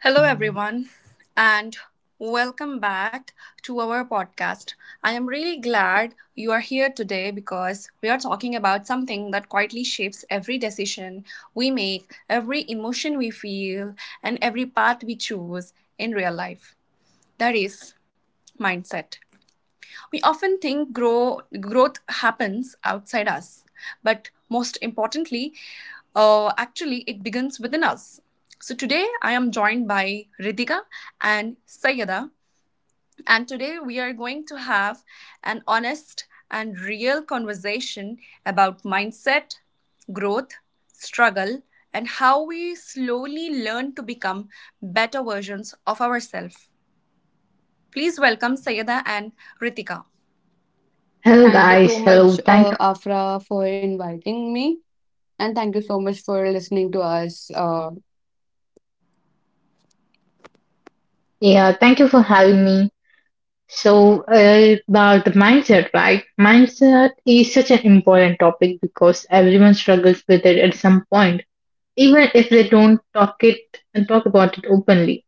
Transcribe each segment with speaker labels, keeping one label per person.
Speaker 1: Hello, everyone, and welcome back to our podcast. I am really glad you are here today because we are talking about something that quietly shapes every decision we make, every emotion we feel, and every path we choose in real life. That is mindset. We often think growth happens outside us, but most importantly, actually, it begins within us. So, today I am joined by Ritika and Sayada, and today we are going to have an honest and real conversation about mindset, growth, struggle, and how we slowly learn to become better versions of ourselves. Please welcome Sayada and Ritika.
Speaker 2: Hello
Speaker 3: Thank you
Speaker 2: guys,
Speaker 3: so
Speaker 2: hello.
Speaker 3: much,
Speaker 2: Thank you.
Speaker 3: Afra, for inviting me. And thank you so much for listening to us.
Speaker 2: Yeah, thank you for having me. So about the mindset, right? Mindset is such an important topic because everyone struggles with it at some point, even if they don't talk it and talk about it openly.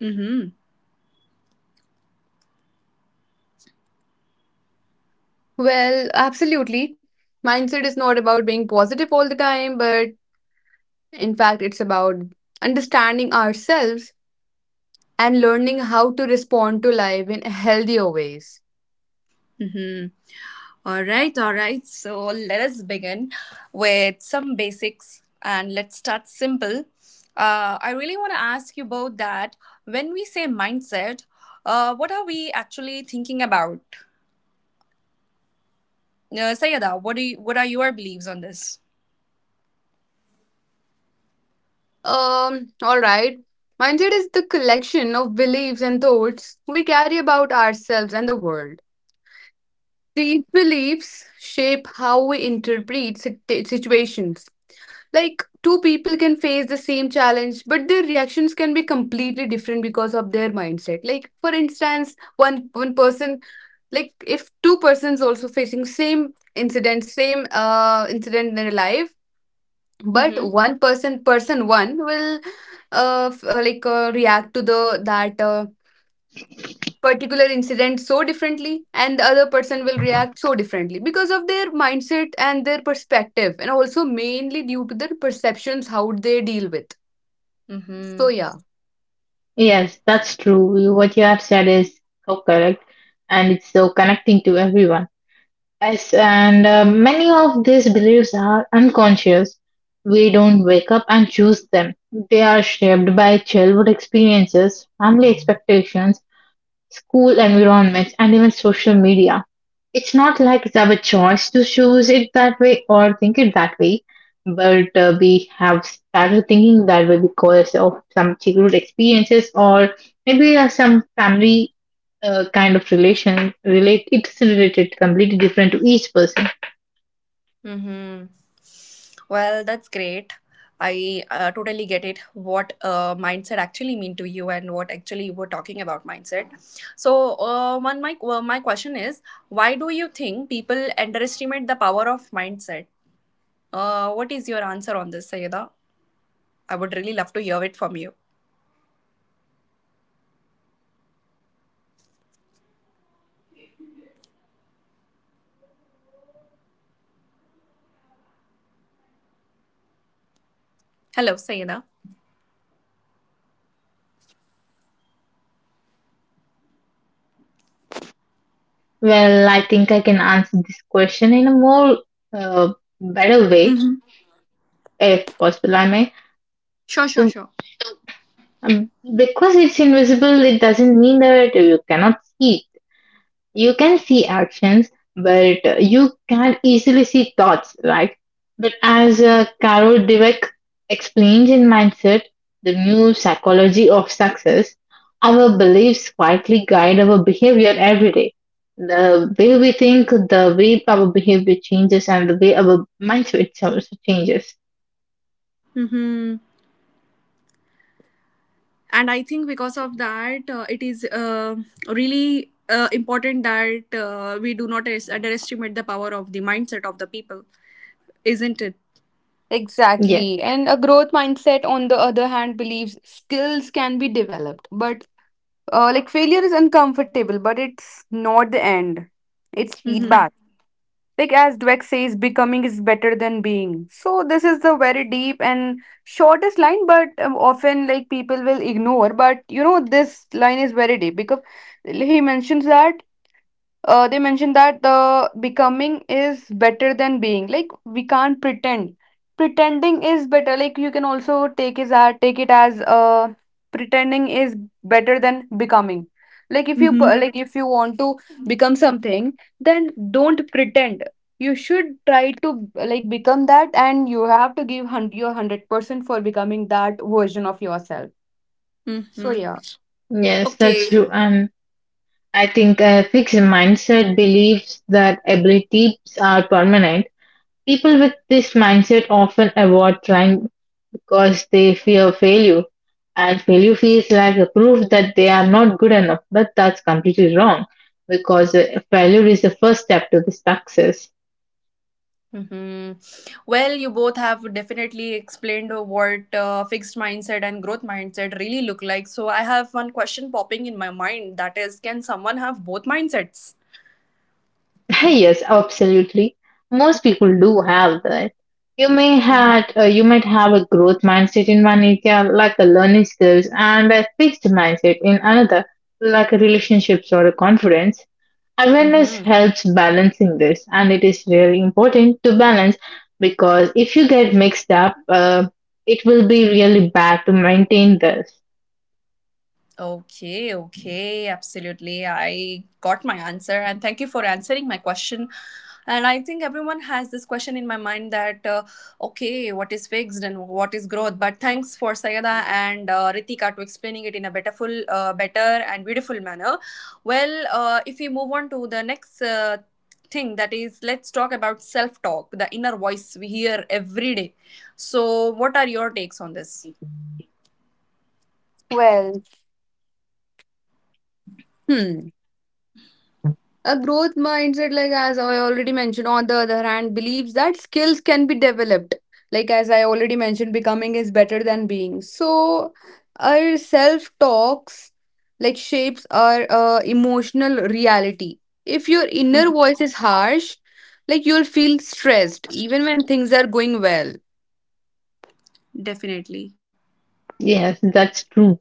Speaker 1: Mm-hmm.
Speaker 3: Well, absolutely. Mindset is not about being positive all the time, but in fact, it's about understanding ourselves and learning how to respond to life in healthier ways.
Speaker 1: Mhm. All right, all right. So let us begin with some basics and let's start simple. I really want to ask you about that. When we say mindset, what are we actually thinking about? Sayada, what are your beliefs on this?
Speaker 3: All right. Mindset is the collection of beliefs and thoughts we carry about ourselves and the world. These beliefs shape how we interpret situations. Like, two people can face the same challenge, but their reactions can be completely different because of their mindset. Like, for instance, one person, like if two persons also facing same incident, same incident in their life, but
Speaker 1: Mm-hmm.
Speaker 3: one person, person one will react to the, that particular incident so differently, and the other person will react so differently because of their mindset and their perspective, and also mainly due to their perceptions how they deal with. So
Speaker 1: Mm-hmm.
Speaker 3: yeah.
Speaker 2: Yes, that's true. What you have said is so correct, and it's so connecting to everyone. Yes, and many of these beliefs are unconscious. We don't wake up and choose them. They are shaped by childhood experiences, family expectations, school environments, and even social media. It's not like it's our choice to choose it that way or think it that way, but we have started thinking that way because of some childhood experiences or maybe some family kind of relation. Relate it's related completely different to each person.
Speaker 1: Mm-hmm. Well, that's great. I totally get it. What mindset actually mean to you, and what actually you were talking about mindset. So, one my well, my question is, why do you think people underestimate the power of mindset? What is your answer on this, Sayeda? I
Speaker 3: Because
Speaker 1: would really
Speaker 3: it's
Speaker 1: love to hear it from
Speaker 3: invisible,
Speaker 1: you.
Speaker 3: I would like to say that, because it's invisible, because you can see actions but you can't easily see thoughts. But as Carol Dweck explains in Mindset, The New Psychology of Success,
Speaker 1: Hello,
Speaker 3: our
Speaker 1: Sayeda.
Speaker 3: beliefs quietly guide our behavior every day. So yeah.
Speaker 2: Well, I think I can answer this question in a more uh, better way,
Speaker 1: Mm-hmm.
Speaker 2: if possible. I may.
Speaker 1: Sure, sure,
Speaker 2: So
Speaker 1: sure.
Speaker 2: Um, because it's invisible, it doesn't mean that you cannot see it. You can see actions, but you can't easily see thoughts, right? But as Carol Dweck explains in Mindset, the new psychology of success, our beliefs quietly guide our behavior every day. The way we think, the way our behavior changes, and the way our mindset also changes.
Speaker 1: Mm-hmm. And I think because of that it is really important that we do not underestimate the power of the mindset of the people, isn't it?
Speaker 2: Yes,
Speaker 3: Exactly. And a growth mindset, on the other hand, believes skills can be developed. But like, failure is uncomfortable, but it's not the end. It's
Speaker 1: Mm-hmm.
Speaker 3: feedback. Like, as Dweck says, becoming is better than being. So this is the very deep and shortest line, but often, like, people will ignore. But you know, this line is very deep because he mentions that, they mentioned that the becoming is better than being, like, we can't pretend. Pretending is better, like, you can also take, is take it as pretending is better than becoming. Like if you
Speaker 1: Mm-hmm.
Speaker 3: like, if you want to become something, then don't pretend. You should try to, like, become that, and you have to give your 100% for becoming that version of yourself. So
Speaker 1: Mm-hmm.
Speaker 3: yeah.
Speaker 2: yes, that's
Speaker 1: Okay.
Speaker 2: true. And I think a fixed mindset believes that abilities are permanent. People with this mindset often avoid trying because they fear failure, and failure feels like a proof that they are not good enough. But that's completely wrong because failure is the first step to the success.
Speaker 1: Hmm. Well, you both have definitely explained what fixed mindset and growth mindset really look like. So I have one question popping in my mind, that is, can someone have both mindsets?
Speaker 2: Yes, absolutely. Most people do have that. You may
Speaker 1: Mm-hmm.
Speaker 2: had You might have a growth mindset in one area, like a learning skills, and a fixed mindset in another, like a relationships or a confidence. Awareness
Speaker 1: Mm-hmm.
Speaker 2: helps balancing this, and it is really important to balance because if you get mixed up, it will be really bad to maintain this.
Speaker 1: Okay, okay, absolutely. I got my answer and thank you for answering my question. And I think everyone has this question in my mind that, okay, what is fixed and what is growth? But thanks for Sayada and Ritika to explaining it in a better, better and beautiful manner. Well, if we move on to the next thing, that is, let's talk about self talk, the inner voice we hear every day. So, what are your takes on this?
Speaker 3: Well. Hmm. A growth mindset, like, as I already mentioned, on the other hand, believes that skills can be developed. Like, as I already mentioned, becoming is better than being. So, our self talks, like, shapes our emotional reality. If your inner voice is harsh, like, you'll feel stressed even when things are going well.
Speaker 1: Definitely.
Speaker 2: Yes, that's true.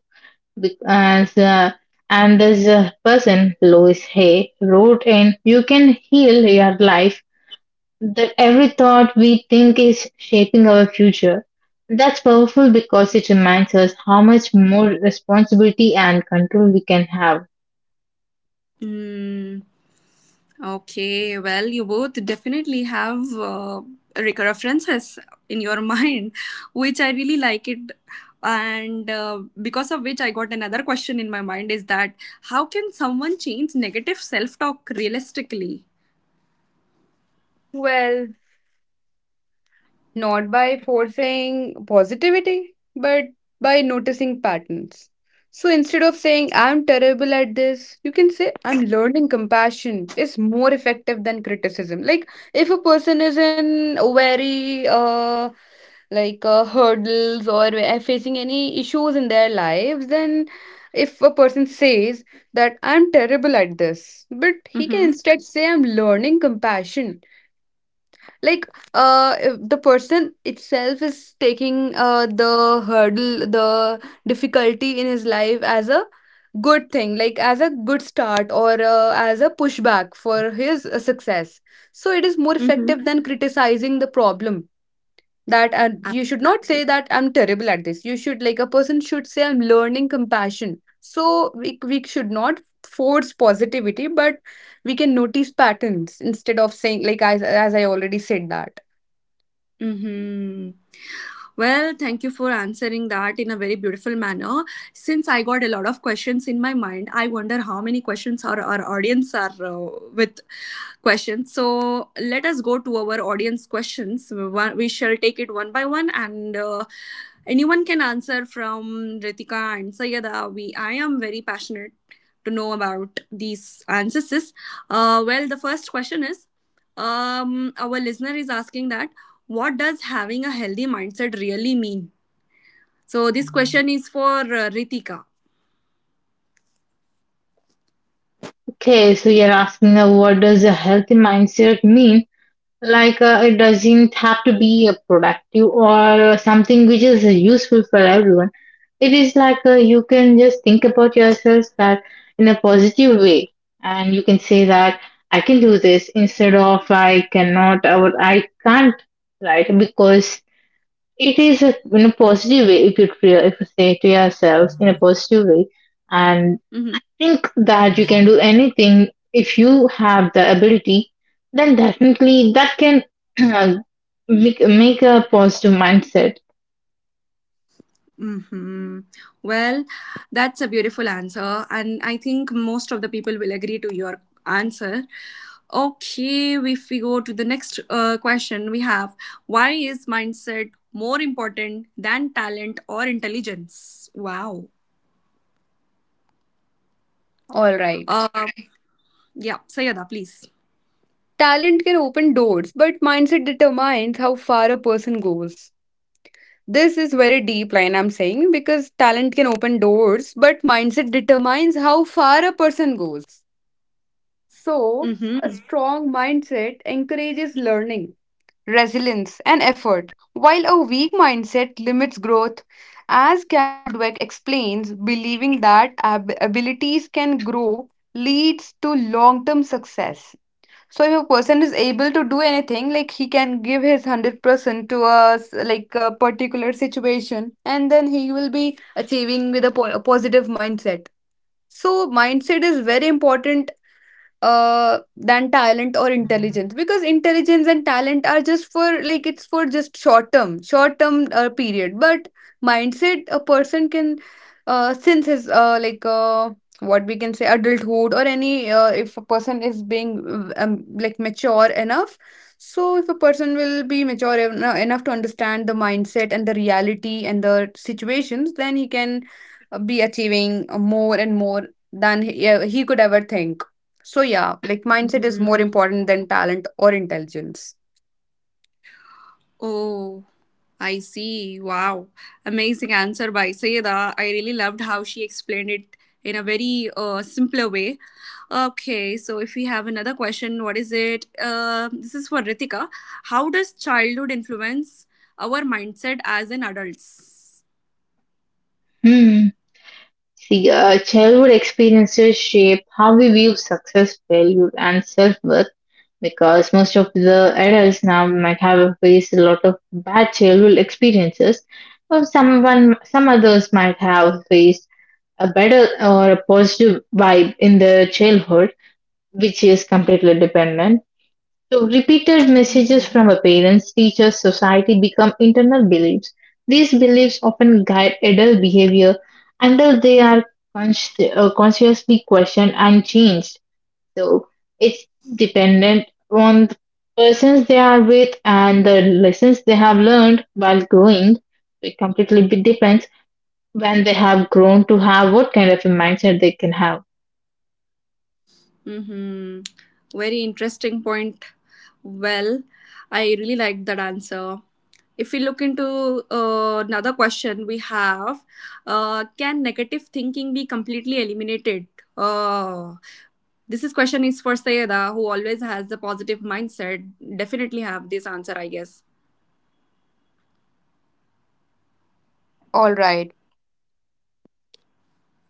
Speaker 2: Be- As uh, as a person, Louis Hay wrote in "You Can Heal Your Life" that every thought we think is shaping our future. That's powerful because it reminds us how much more responsibility and control we can have.
Speaker 1: Hmm. Okay, well, you both definitely have references in your mind, which I really like it. And because of which, I got another question in my mind is that how can someone change negative self talk realistically?
Speaker 3: Well, not by forcing positivity, but by noticing patterns. So instead of saying, I'm terrible at this, you can say, I'm learning. Compassion is more effective than criticism. Like, if a person is in very, like, hurdles, or facing any issues in their lives, then, if a person says that I'm terrible at this, but he can
Speaker 1: Mm-hmm.
Speaker 3: instead say, I'm learning compassion. Like if the person itself is taking the hurdle, the difficulty in his life as a good thing, like as a good start or as a pushback for his success. So it is more effective
Speaker 1: Mm-hmm.
Speaker 3: than criticizing the problem. That, and you should not
Speaker 1: Absolutely.
Speaker 3: say that I'm terrible at this. You should, like, a person should say, I'm learning compassion. So we should not force positivity, but we can notice patterns, instead of saying, like, as I already said that.
Speaker 1: Mm-hmm. Well, thank you for answering that in a very beautiful manner. Since I got a lot of questions in my mind, I wonder how many questions our audience are with questions. So let us go to our audience questions. We shall take it one by one, and anyone can answer from Ritika and Sayada. We I am very passionate to know about these ancestors. Well, the first question is our listener is asking that what does having a healthy mindset really mean? So, this question is for Ritika.
Speaker 2: Okay, so you're asking what does a healthy mindset mean? It doesn't have to be a productive or something which is useful for everyone. It is like you can just think about yourself that in a positive way, and you can say that I can do this instead of I cannot or I can't, right? Because it is a, in a positive way if you say to yourselves in a positive way, and
Speaker 1: Hmm.
Speaker 2: think that you can do anything if you have the ability, then definitely that can make a positive mindset.
Speaker 1: Hmm. Well, that's a beautiful answer, and I think most of the people will agree to your answer. Okay, if we go to the next question, we have why is mindset more important than talent or intelligence? Wow.
Speaker 3: All right.
Speaker 1: Um, yeah, Sayada, please.
Speaker 3: Talent can open doors, but mindset determines how far a person goes. This is very deep line I'm saying, because talent can open doors, but mindset determines how far a person goes. So, a
Speaker 1: Mm-hmm.
Speaker 3: strong mindset encourages learning, resilience, and effort, while a weak mindset limits growth. As Carol Dweck explains, believing that abilities can grow leads to long term success. So if a person is able to do anything, like he can give his 100% to us, like a particular situation, and then he will be achieving with a, a positive mindset. So mindset is very important than talent or intelligence, because intelligence and talent are just for, like, it's for just short term period. But mindset, a person can since his what we can say adulthood, or any if a person is being like mature enough. So if a person will be mature enough to understand the mindset and the reality and the situations, then he can be achieving more and more than he could ever think. So yeah, like, mindset is more important than talent or intelligence.
Speaker 1: Oh, I see. Wow. Amazing answer by Sayeda. I really loved how she explained it in a very simpler way. Okay, so if we have another question, what is it? This is for Ritika. How does childhood influence our mindset as an adults?
Speaker 2: Hmm. See, childhood experiences shape how we view success, failure, and self worth because most of the adults now might have faced a lot of bad childhood experiences, or someone, some others might have faced a better or a positive vibe in their childhood, which is completely dependent. So, repeated messages from
Speaker 1: Mhm.
Speaker 2: our parents, teachers, society become internal beliefs. These beliefs often guide adult behavior until they are consciously questioned and changed. So, it's dependent on the persons they are with and the lessons they have learned while growing. It completely depends when they have grown to have what kind of a mindset they can have.
Speaker 1: Mm-hmm. Very interesting point. Well, I really like that answer. If we look into another question we have, can negative thinking be completely eliminated? Uh, this is question is for Sayeda, who always has the positive mindset. Definitely have this answer, I guess.
Speaker 3: All right.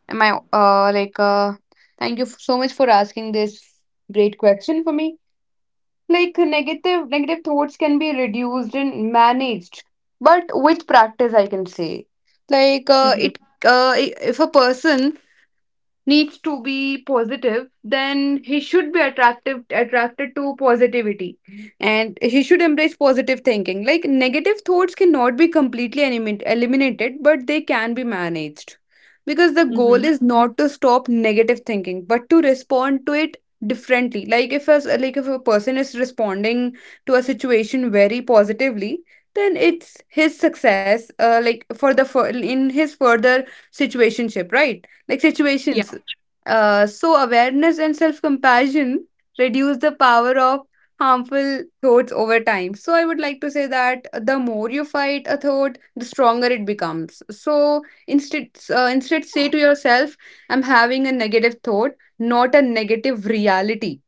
Speaker 3: Am I thank you so much for asking this great question for me. Like, negative thoughts can be reduced and managed, but with practice, I can say. Like
Speaker 1: Mm-hmm.
Speaker 3: it, if a person needs to be positive, then he should be attractive attracted to positivity, and he should embrace positive thinking. Like, negative thoughts cannot be completely eliminated, but they can be managed, because the goal
Speaker 1: Mm-hmm.
Speaker 3: is not to stop negative thinking, but to respond to it differently. Like if, as, like if a person is responding to a situation very positively, then it's his success, like, for the fur in his further situationship, right, like,
Speaker 1: Yeah.
Speaker 3: situations. So awareness and self-compassion reduce the power of harmful thoughts over time. So I would like to say that the more you fight a thought, the stronger it becomes. So instead, instead say to yourself, I'm having a negative thought, not a negative reality.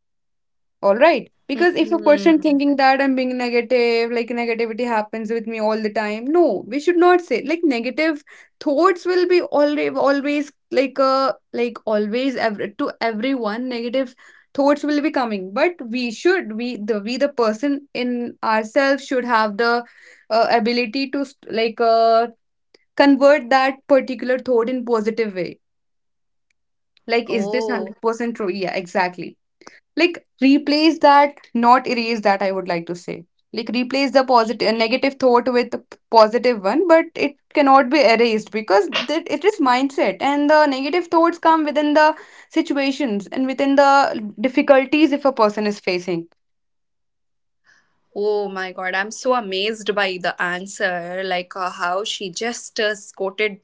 Speaker 3: All right, because if a person
Speaker 1: Hmm.
Speaker 3: thinking that I'm being negative, like negativity happens with me all the time, no, we should not say, like, negative thoughts will be always like always to everyone, negative thoughts will be coming. But we should, we, the person in ourselves should have the ability to convert that particular thought in positive way. Like, is this
Speaker 1: Oh,
Speaker 3: 100% true? Yeah, exactly. Like, replace that, not erase that, I would like to say. Like, replace the positive negative thought with a positive one, but it cannot be erased, because that, it is mindset, and the negative thoughts come within the situations and within the difficulties if a person is facing.
Speaker 1: oh my God. I'm so amazed by the answer. Like how she just quoted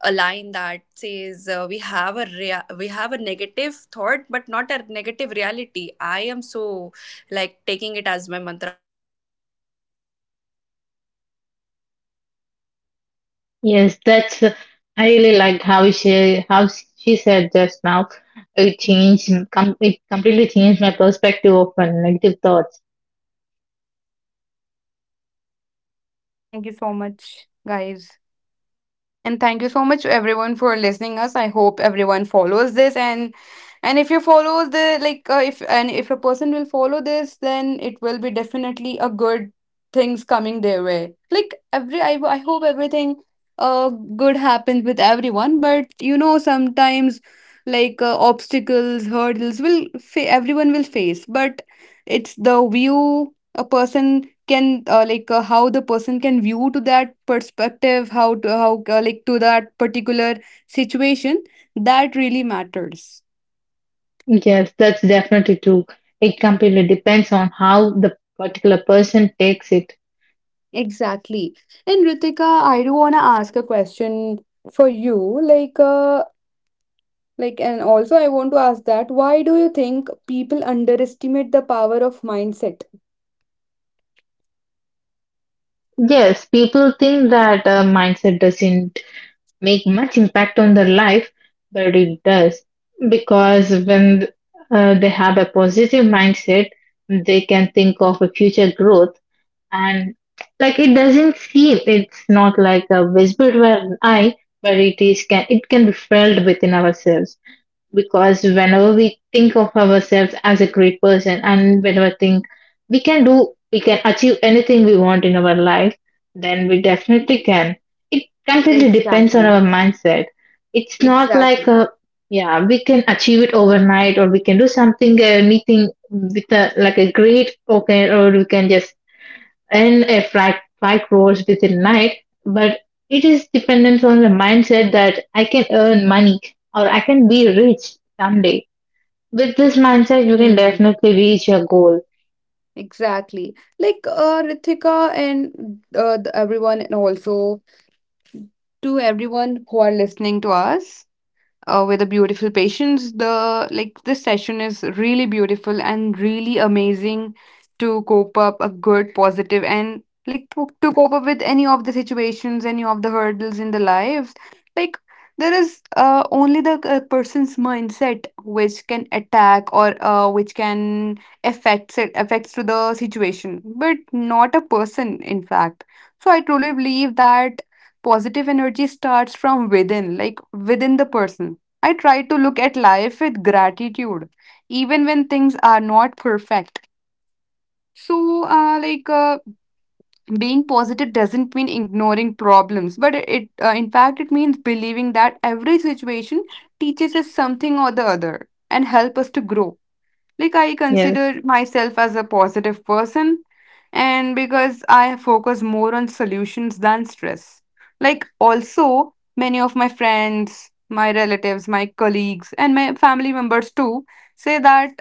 Speaker 1: a line that says we have a negative thought but not a negative reality. I am so like taking it as my mantra from now onwards. I hope all the listeners as well take it as a very good
Speaker 2: Yes,
Speaker 1: line. this
Speaker 2: that's.
Speaker 1: this needs to
Speaker 2: I really
Speaker 1: be
Speaker 2: liked how
Speaker 1: written on the
Speaker 2: she
Speaker 1: walls,
Speaker 2: how
Speaker 1: I guess.
Speaker 2: she said just now.
Speaker 1: Well,
Speaker 2: It changed com- it
Speaker 1: definitely
Speaker 2: completely
Speaker 1: I would
Speaker 2: changed my
Speaker 1: say
Speaker 2: perspective
Speaker 1: yes,
Speaker 2: of my negative
Speaker 1: negativity
Speaker 2: thoughts.
Speaker 1: should be eliminated completely, and it
Speaker 3: Thank you so
Speaker 1: cannot
Speaker 3: much,
Speaker 1: be, but it
Speaker 3: guys.
Speaker 1: can still be managed, like
Speaker 3: And
Speaker 1: how
Speaker 3: thank you so
Speaker 1: Sayeda
Speaker 3: much to
Speaker 1: definitely
Speaker 3: everyone
Speaker 1: said.
Speaker 3: for listening us. I hope
Speaker 1: Another
Speaker 3: everyone
Speaker 1: question is
Speaker 3: follows
Speaker 1: for
Speaker 3: this,
Speaker 1: Ritika.
Speaker 3: and if you
Speaker 1: Well,
Speaker 3: follow
Speaker 1: Ritika
Speaker 3: the, like
Speaker 1: also
Speaker 3: if,
Speaker 1: have a
Speaker 3: and
Speaker 1: lot
Speaker 3: if
Speaker 1: to
Speaker 3: a
Speaker 1: talk
Speaker 3: person will
Speaker 1: about on
Speaker 3: follow this,
Speaker 1: self-talk
Speaker 3: then
Speaker 1: and
Speaker 3: it will be
Speaker 1: confidence.
Speaker 3: definitely a good things
Speaker 1: Ritika is a
Speaker 3: coming their way.
Speaker 1: person
Speaker 3: Like
Speaker 1: with whom you
Speaker 3: every,
Speaker 1: can
Speaker 3: I
Speaker 1: definitely
Speaker 3: hope
Speaker 1: go for
Speaker 3: everything
Speaker 1: confidence and all
Speaker 3: uh
Speaker 1: that.
Speaker 3: good
Speaker 1: So
Speaker 3: happens with
Speaker 1: the
Speaker 3: everyone.
Speaker 1: question here
Speaker 3: But
Speaker 1: comes
Speaker 3: you
Speaker 1: for
Speaker 3: know,
Speaker 1: her.
Speaker 3: sometimes,
Speaker 1: How does
Speaker 3: like
Speaker 1: self-talk affect
Speaker 3: obstacles,
Speaker 1: the
Speaker 3: hurdles will
Speaker 1: confidence?
Speaker 3: everyone will face. But it's the view a person can, how the person can view to that perspective, how to, how like, to that particular situation, that really matters.
Speaker 2: Yes, that's definitely true. It completely depends on how the particular person takes it.
Speaker 1: What does
Speaker 3: Exactly.
Speaker 1: Ritika have to
Speaker 3: And
Speaker 1: say about
Speaker 3: Ritika,
Speaker 1: it?
Speaker 3: I do want to ask a question for you, like like, and also I want to ask that, why do you think people underestimate the power of mindset?
Speaker 2: Yes, people think that mindset doesn't make much impact on their life, but it does because when they have a positive mindset, they can think of a future growth and like it doesn't seem it's not like a visible to an eye but it is can it can be felt within ourselves because whenever we think of ourselves as a great person and whenever think we can do we can achieve anything we want in our life then we definitely can it completely depends on our
Speaker 3: Exactly.
Speaker 2: mindset it's not like
Speaker 3: Exactly.
Speaker 2: a yeah we can achieve it overnight or we can do something anything with a like a great okay or we can just and a frak rolls within night, but it is dependent on the mindset that I can earn money or I can be rich someday. With this mindset, you can
Speaker 3: Hmm.
Speaker 2: definitely reach your goal.
Speaker 3: Exactly. Like, Ritika and everyone, and also to everyone who are listening to us with a beautiful patience. The, like, this session is really beautiful and really amazing, to cope up a good positive, and, like, to cope up with any of the situations, any of the hurdles in the lives. Like, there is only the person's mindset which can attack, or which can affects to the situation, but not a person in fact. So I truly believe that positive energy starts from within, like within the person. I try to look at life with gratitude, even when things are not perfect. So, being positive doesn't mean ignoring problems, but in fact, it means believing that every situation teaches us something or the other and help us to grow. Like, I
Speaker 2: Yes.
Speaker 3: consider myself as a positive person, and because I focus more on solutions than stress. Like, also many of my friends, my relatives, my colleagues and my family members too say that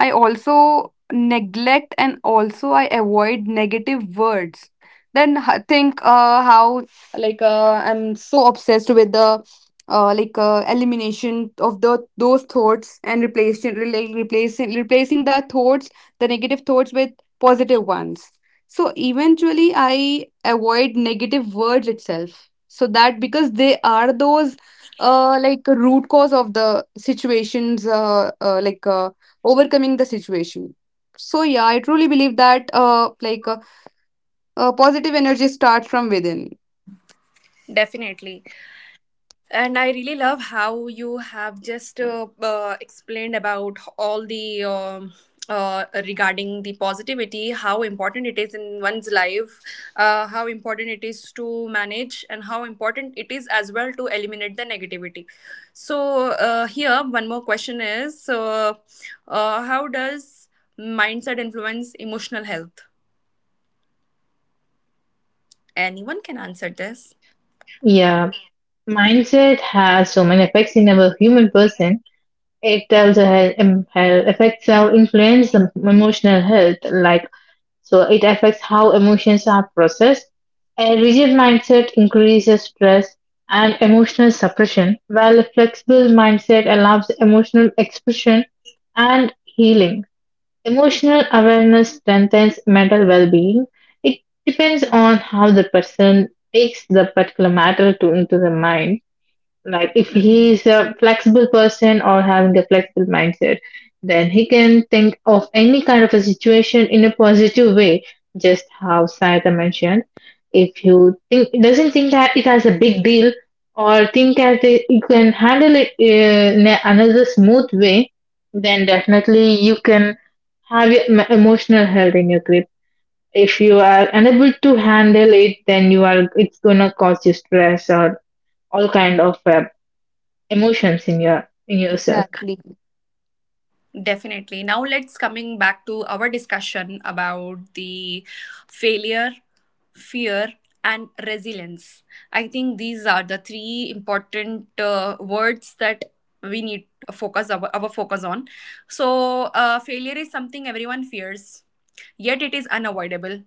Speaker 3: I also neglect and also I avoid negative words. Then think how, like I'm so obsessed with the elimination of the those thoughts and replacing, like replacing the thoughts, the negative thoughts with positive ones. So eventually I avoid negative words itself. So that, because they are those like root cause of the situations, overcoming the situation. So yeah, I truly believe that positive energy starts from within.
Speaker 1: Definitely. And I really love how you have just explained about all the regarding the positivity, how important it is in one's life, how important it is to manage, and how important it is as well to eliminate the negativity. So, here, one more question is how does mindset influence emotional health? Anyone can answer this.
Speaker 2: Yeah. Mindset has so many effects in our human person. It tells our health, affects our influence the emotional health, like so it affects how emotions are processed. A rigid mindset increases stress and emotional suppression, while a flexible mindset allows emotional expression and healing. Emotional awareness strengthens mental well being. It depends on how the person takes the particular matter to, into the mind like if he's a flexible person or having a flexible mindset then he can think of any kind of a situation in a positive way just how sayata mentioned if you think doesn't think that it has a big deal or think that it, you can handle it in another smooth way then definitely you can have your emotional health in your grip if you are unable to handle it then you are it's gonna cause you stress or all kind of emotions in your in yourself
Speaker 3: Exactly.
Speaker 1: Definitely. Now let's coming back to our discussion about the failure, fear and resilience. I think these are the three important words that we need focus our focus on. So failure is something everyone fears, yet it is unavoidable.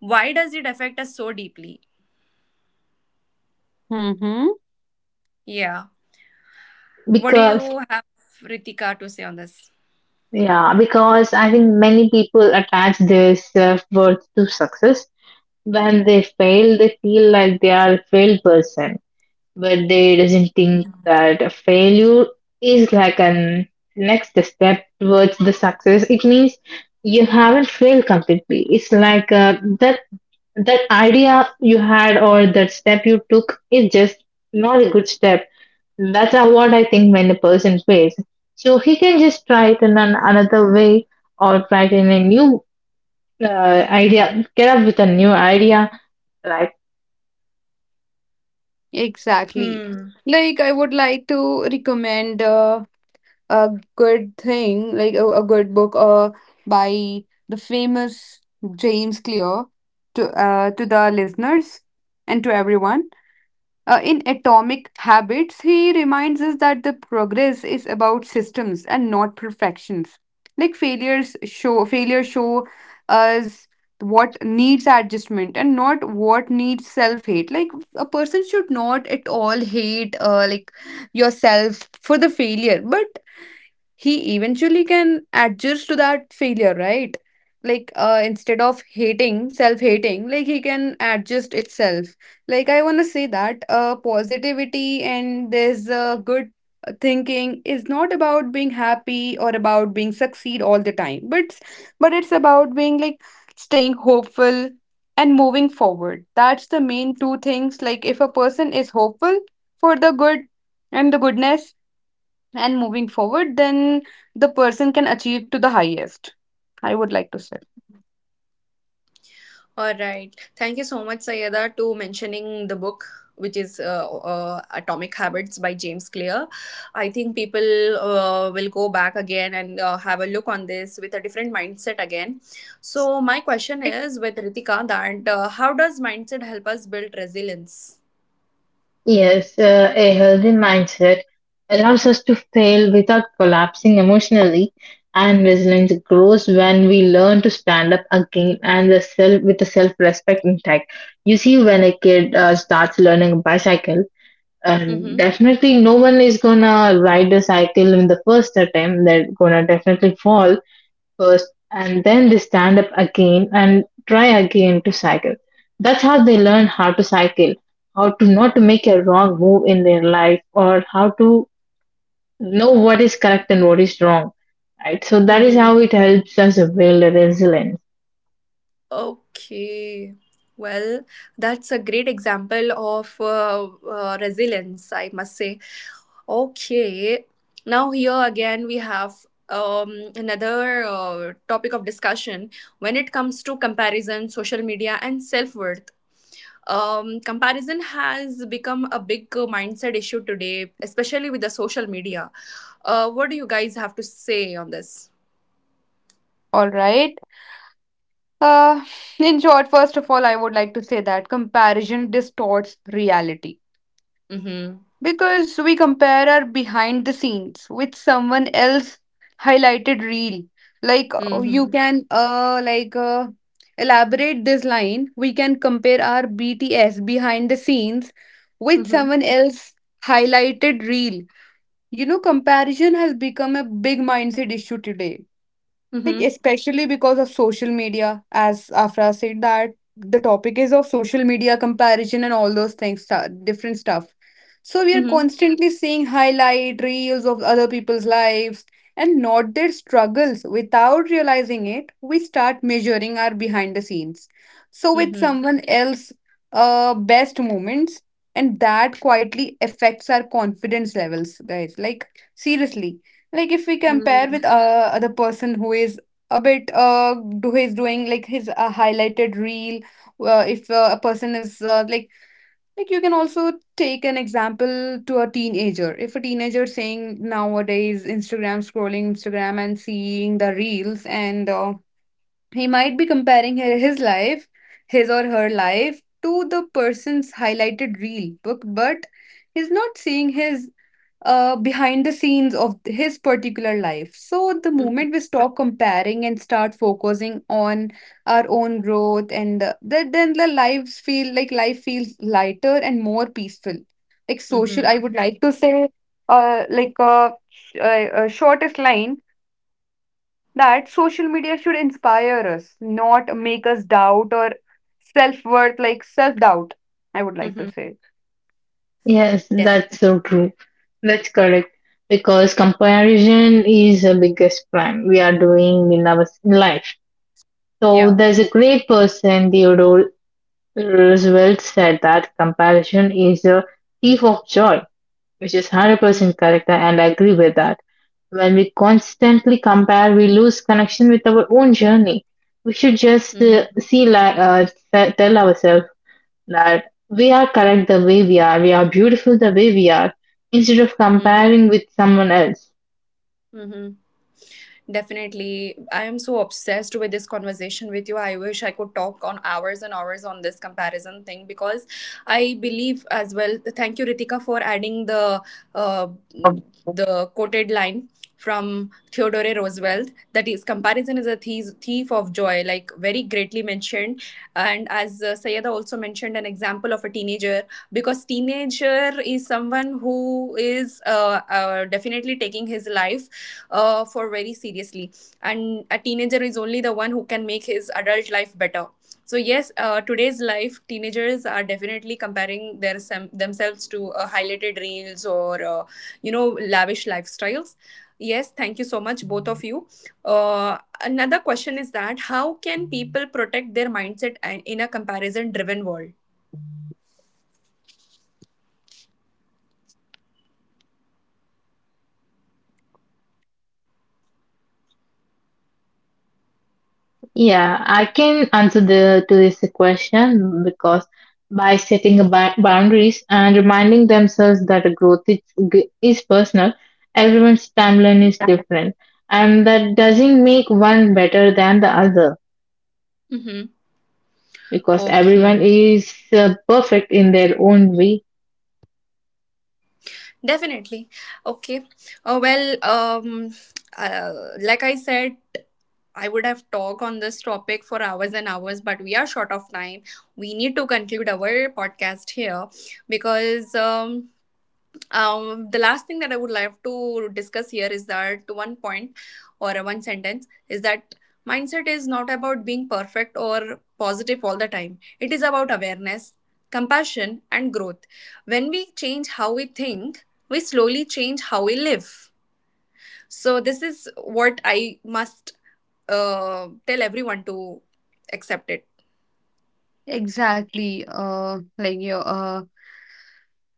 Speaker 1: Why does it affect us so deeply?
Speaker 3: Mm-hmm.
Speaker 1: Yeah. What do
Speaker 2: because
Speaker 1: you have, Ritika, to say on this?
Speaker 2: yeah, because I think many people attach their self worth to success. When they fail, they feel like they are a failed person, but they doesn't think that a failure is like an next step towards the success. It means you haven't failed completely. It's like that that idea you had or that step you took is just not a good step. That's how what I think when a person fails. So he can just try it in an, another way or try it in a new uh, idea, get up with a new idea. Like,
Speaker 3: Exactly.
Speaker 1: Hmm.
Speaker 3: Like, I would like to recommend a good thing, like, a good book by the famous James Clear to, to the listeners and to everyone. In Atomic Habits, he reminds us that the progress is about systems and not perfections. Like, failure show us what needs adjustment and not what needs self-hate. Like, a person should not at all hate, like, yourself for the failure, but he eventually can adjust to that failure, right? Like instead of hating, self hating, like, he can adjust itself. Like, I want to say that, positivity, and there's good thinking is not about being happy or about being succeed all the time, but it's about being, like, staying hopeful and moving forward. That's the main two things. Like, if a person is hopeful for the good and the goodness and moving forward, then the person can achieve to the highest, I would like to say.
Speaker 1: All right. Thank you so much, Sayeda, to mentioning the book, which is Atomic Habits by James Clear. I think people will go back again and have a look on this with a different mindset again. So, my question is with Ritika that how does mindset help us build resilience?
Speaker 2: yes, a healthy mindset allows us to fail without collapsing emotionally, and resilience grows when we learn to stand up again and the self with the self respect intact. You see, when a kid starts learning bicycle, and
Speaker 1: Mm-hmm.
Speaker 2: definitely no one is gonna ride a cycle in the first attempt they're gonna definitely fall first and then they stand up again and try again to cycle that's how they learn how to cycle how to not to make a wrong move in their life or how to know what is correct and what is wrong right so that is
Speaker 1: Mm-hmm.
Speaker 2: how it helps us build a resilience.
Speaker 1: Okay. Well, that's a great example of resilience, I must say. Okay. Now here again we have another topic of discussion when it comes to comparison, social media, and self worth. Comparison has become a big mindset issue today, especially with the social media. What do you guys have to say on this?
Speaker 3: All right. uh, in short, first of all, I would like to say that comparison distorts reality,
Speaker 1: Mm-hmm.
Speaker 3: because we compare our behind the scenes with someone else highlighted reel. Like, you
Speaker 1: Mm-hmm.
Speaker 3: can, elaborate this line. We can compare our BTS, behind the scenes, with
Speaker 1: Mm-hmm.
Speaker 3: someone else highlighted reel. You know, comparison has become a big mindset issue today, like, especially because of social media. As Afra said, that the topic is of social media, comparison and all those things, different stuff. So we are
Speaker 1: Mm-hmm.
Speaker 3: constantly seeing highlight reels of other people's lives, and not their struggles. Without realizing it, we start measuring our behind the scenes, so, with
Speaker 1: Mm-hmm.
Speaker 3: someone else best moments, and that quietly affects our confidence levels, guys, like, seriously. Like, if we compare
Speaker 1: Mm-hmm.
Speaker 3: with other person who is a bit, do he's doing, like, his highlighted reel, if a person is like you can also take an example to a teenager. If a teenager saying nowadays, Instagram, scrolling Instagram and seeing the reels, and he might be comparing his life, his or her life to the person's highlighted reel book, but he's not seeing his behind the scenes of his particular life. So the
Speaker 1: Mm-hmm.
Speaker 3: moment we stop comparing and start focusing on our own growth, and, that, then the lives feel, like, life feels lighter and more peaceful. Like, social,
Speaker 1: Mm-hmm.
Speaker 3: I would like to say, like a shortest line, that social media should inspire us, not make us doubt or self worth, like self doubt, I would like to say.
Speaker 1: Mm-hmm.
Speaker 2: Yes, that's
Speaker 1: Definitely.
Speaker 2: so true. That's correct. Because comparison is the biggest crime we are doing in our s- life. So
Speaker 1: Yeah.
Speaker 2: there's a great person, Theodore Roosevelt said that comparison is a thief of joy, which is 100%
Speaker 1: Mm-hmm.
Speaker 2: correct, and I agree with that. When we constantly compare, we lose connection with our own journey. We should just uh,
Speaker 1: Mm-hmm.
Speaker 2: see, like, uh, te- tell ourselves that we are correct the way we are beautiful the way we are, instead of comparing with someone else?
Speaker 1: Mm-hmm. Definitely. I am so obsessed with this conversation with you. I wish I could talk on hours and hours on this comparison thing because I believe as well. Thank you, Ritika, for adding uh, the quoted line from Theodore Roosevelt, that is comparison is a thief of joy, like very greatly mentioned. And as Sayeda also mentioned, an example of a teenager, because teenager is someone who is definitely taking his life for very seriously. And a teenager is only the one who can make his adult life better. So yes, today's life, teenagers are definitely comparing their themselves to highlighted reels or you know, lavish lifestyles. Yes, thank you so much, both of you. Uh, Another question is that how can people protect their mindset in a comparison-driven world?
Speaker 2: Yeah, I can answer the, to this question because by setting a boundaries and reminding themselves that a is personal, everyone's timeline is different, and that doesn't make one better than the other
Speaker 1: Mm-hmm.
Speaker 2: because everyone
Speaker 1: Okay.
Speaker 2: is perfect in their own way.
Speaker 1: Definitely. Okay. Uh, well, um, uh, like I said, I would have talked on this topic for hours and hours, but we are short of time. We need to conclude our podcast here because the last thing that I would like to discuss here is that one point or one sentence is that mindset is not about being perfect or positive all the time, it is about awareness, compassion, and growth. When we change how we think, we slowly change how we live. So this is what I must tell everyone to accept it.
Speaker 3: Exactly. Like, your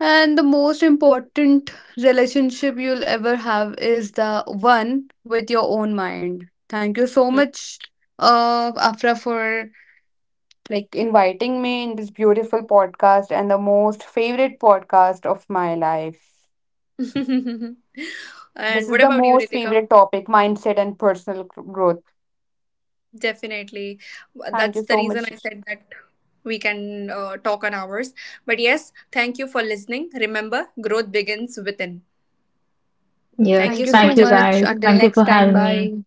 Speaker 3: and the most important relationship you'll ever have is the one with your own mind. Thank you so
Speaker 1: Hmm.
Speaker 3: much, Afra, for, like, inviting me in this beautiful podcast and the most favorite podcast of my life. This
Speaker 1: And
Speaker 3: is
Speaker 1: what
Speaker 3: the
Speaker 1: about you,
Speaker 3: most
Speaker 1: Ritika?
Speaker 3: favorite topic: mindset and personal growth.
Speaker 1: Definitely,
Speaker 3: Thank you
Speaker 1: that's the
Speaker 3: so
Speaker 1: reason
Speaker 3: much.
Speaker 1: I said that we can talk on hours. But yes, thank you for listening. Remember, growth begins within. Thank
Speaker 2: Yes,
Speaker 1: you
Speaker 3: Thank you
Speaker 1: so
Speaker 2: thank
Speaker 3: so
Speaker 1: much,
Speaker 2: you
Speaker 1: everyone.
Speaker 3: much.
Speaker 2: guys.
Speaker 3: Until
Speaker 2: Thank you
Speaker 3: next
Speaker 2: for
Speaker 3: time.
Speaker 2: having me.
Speaker 3: Bye.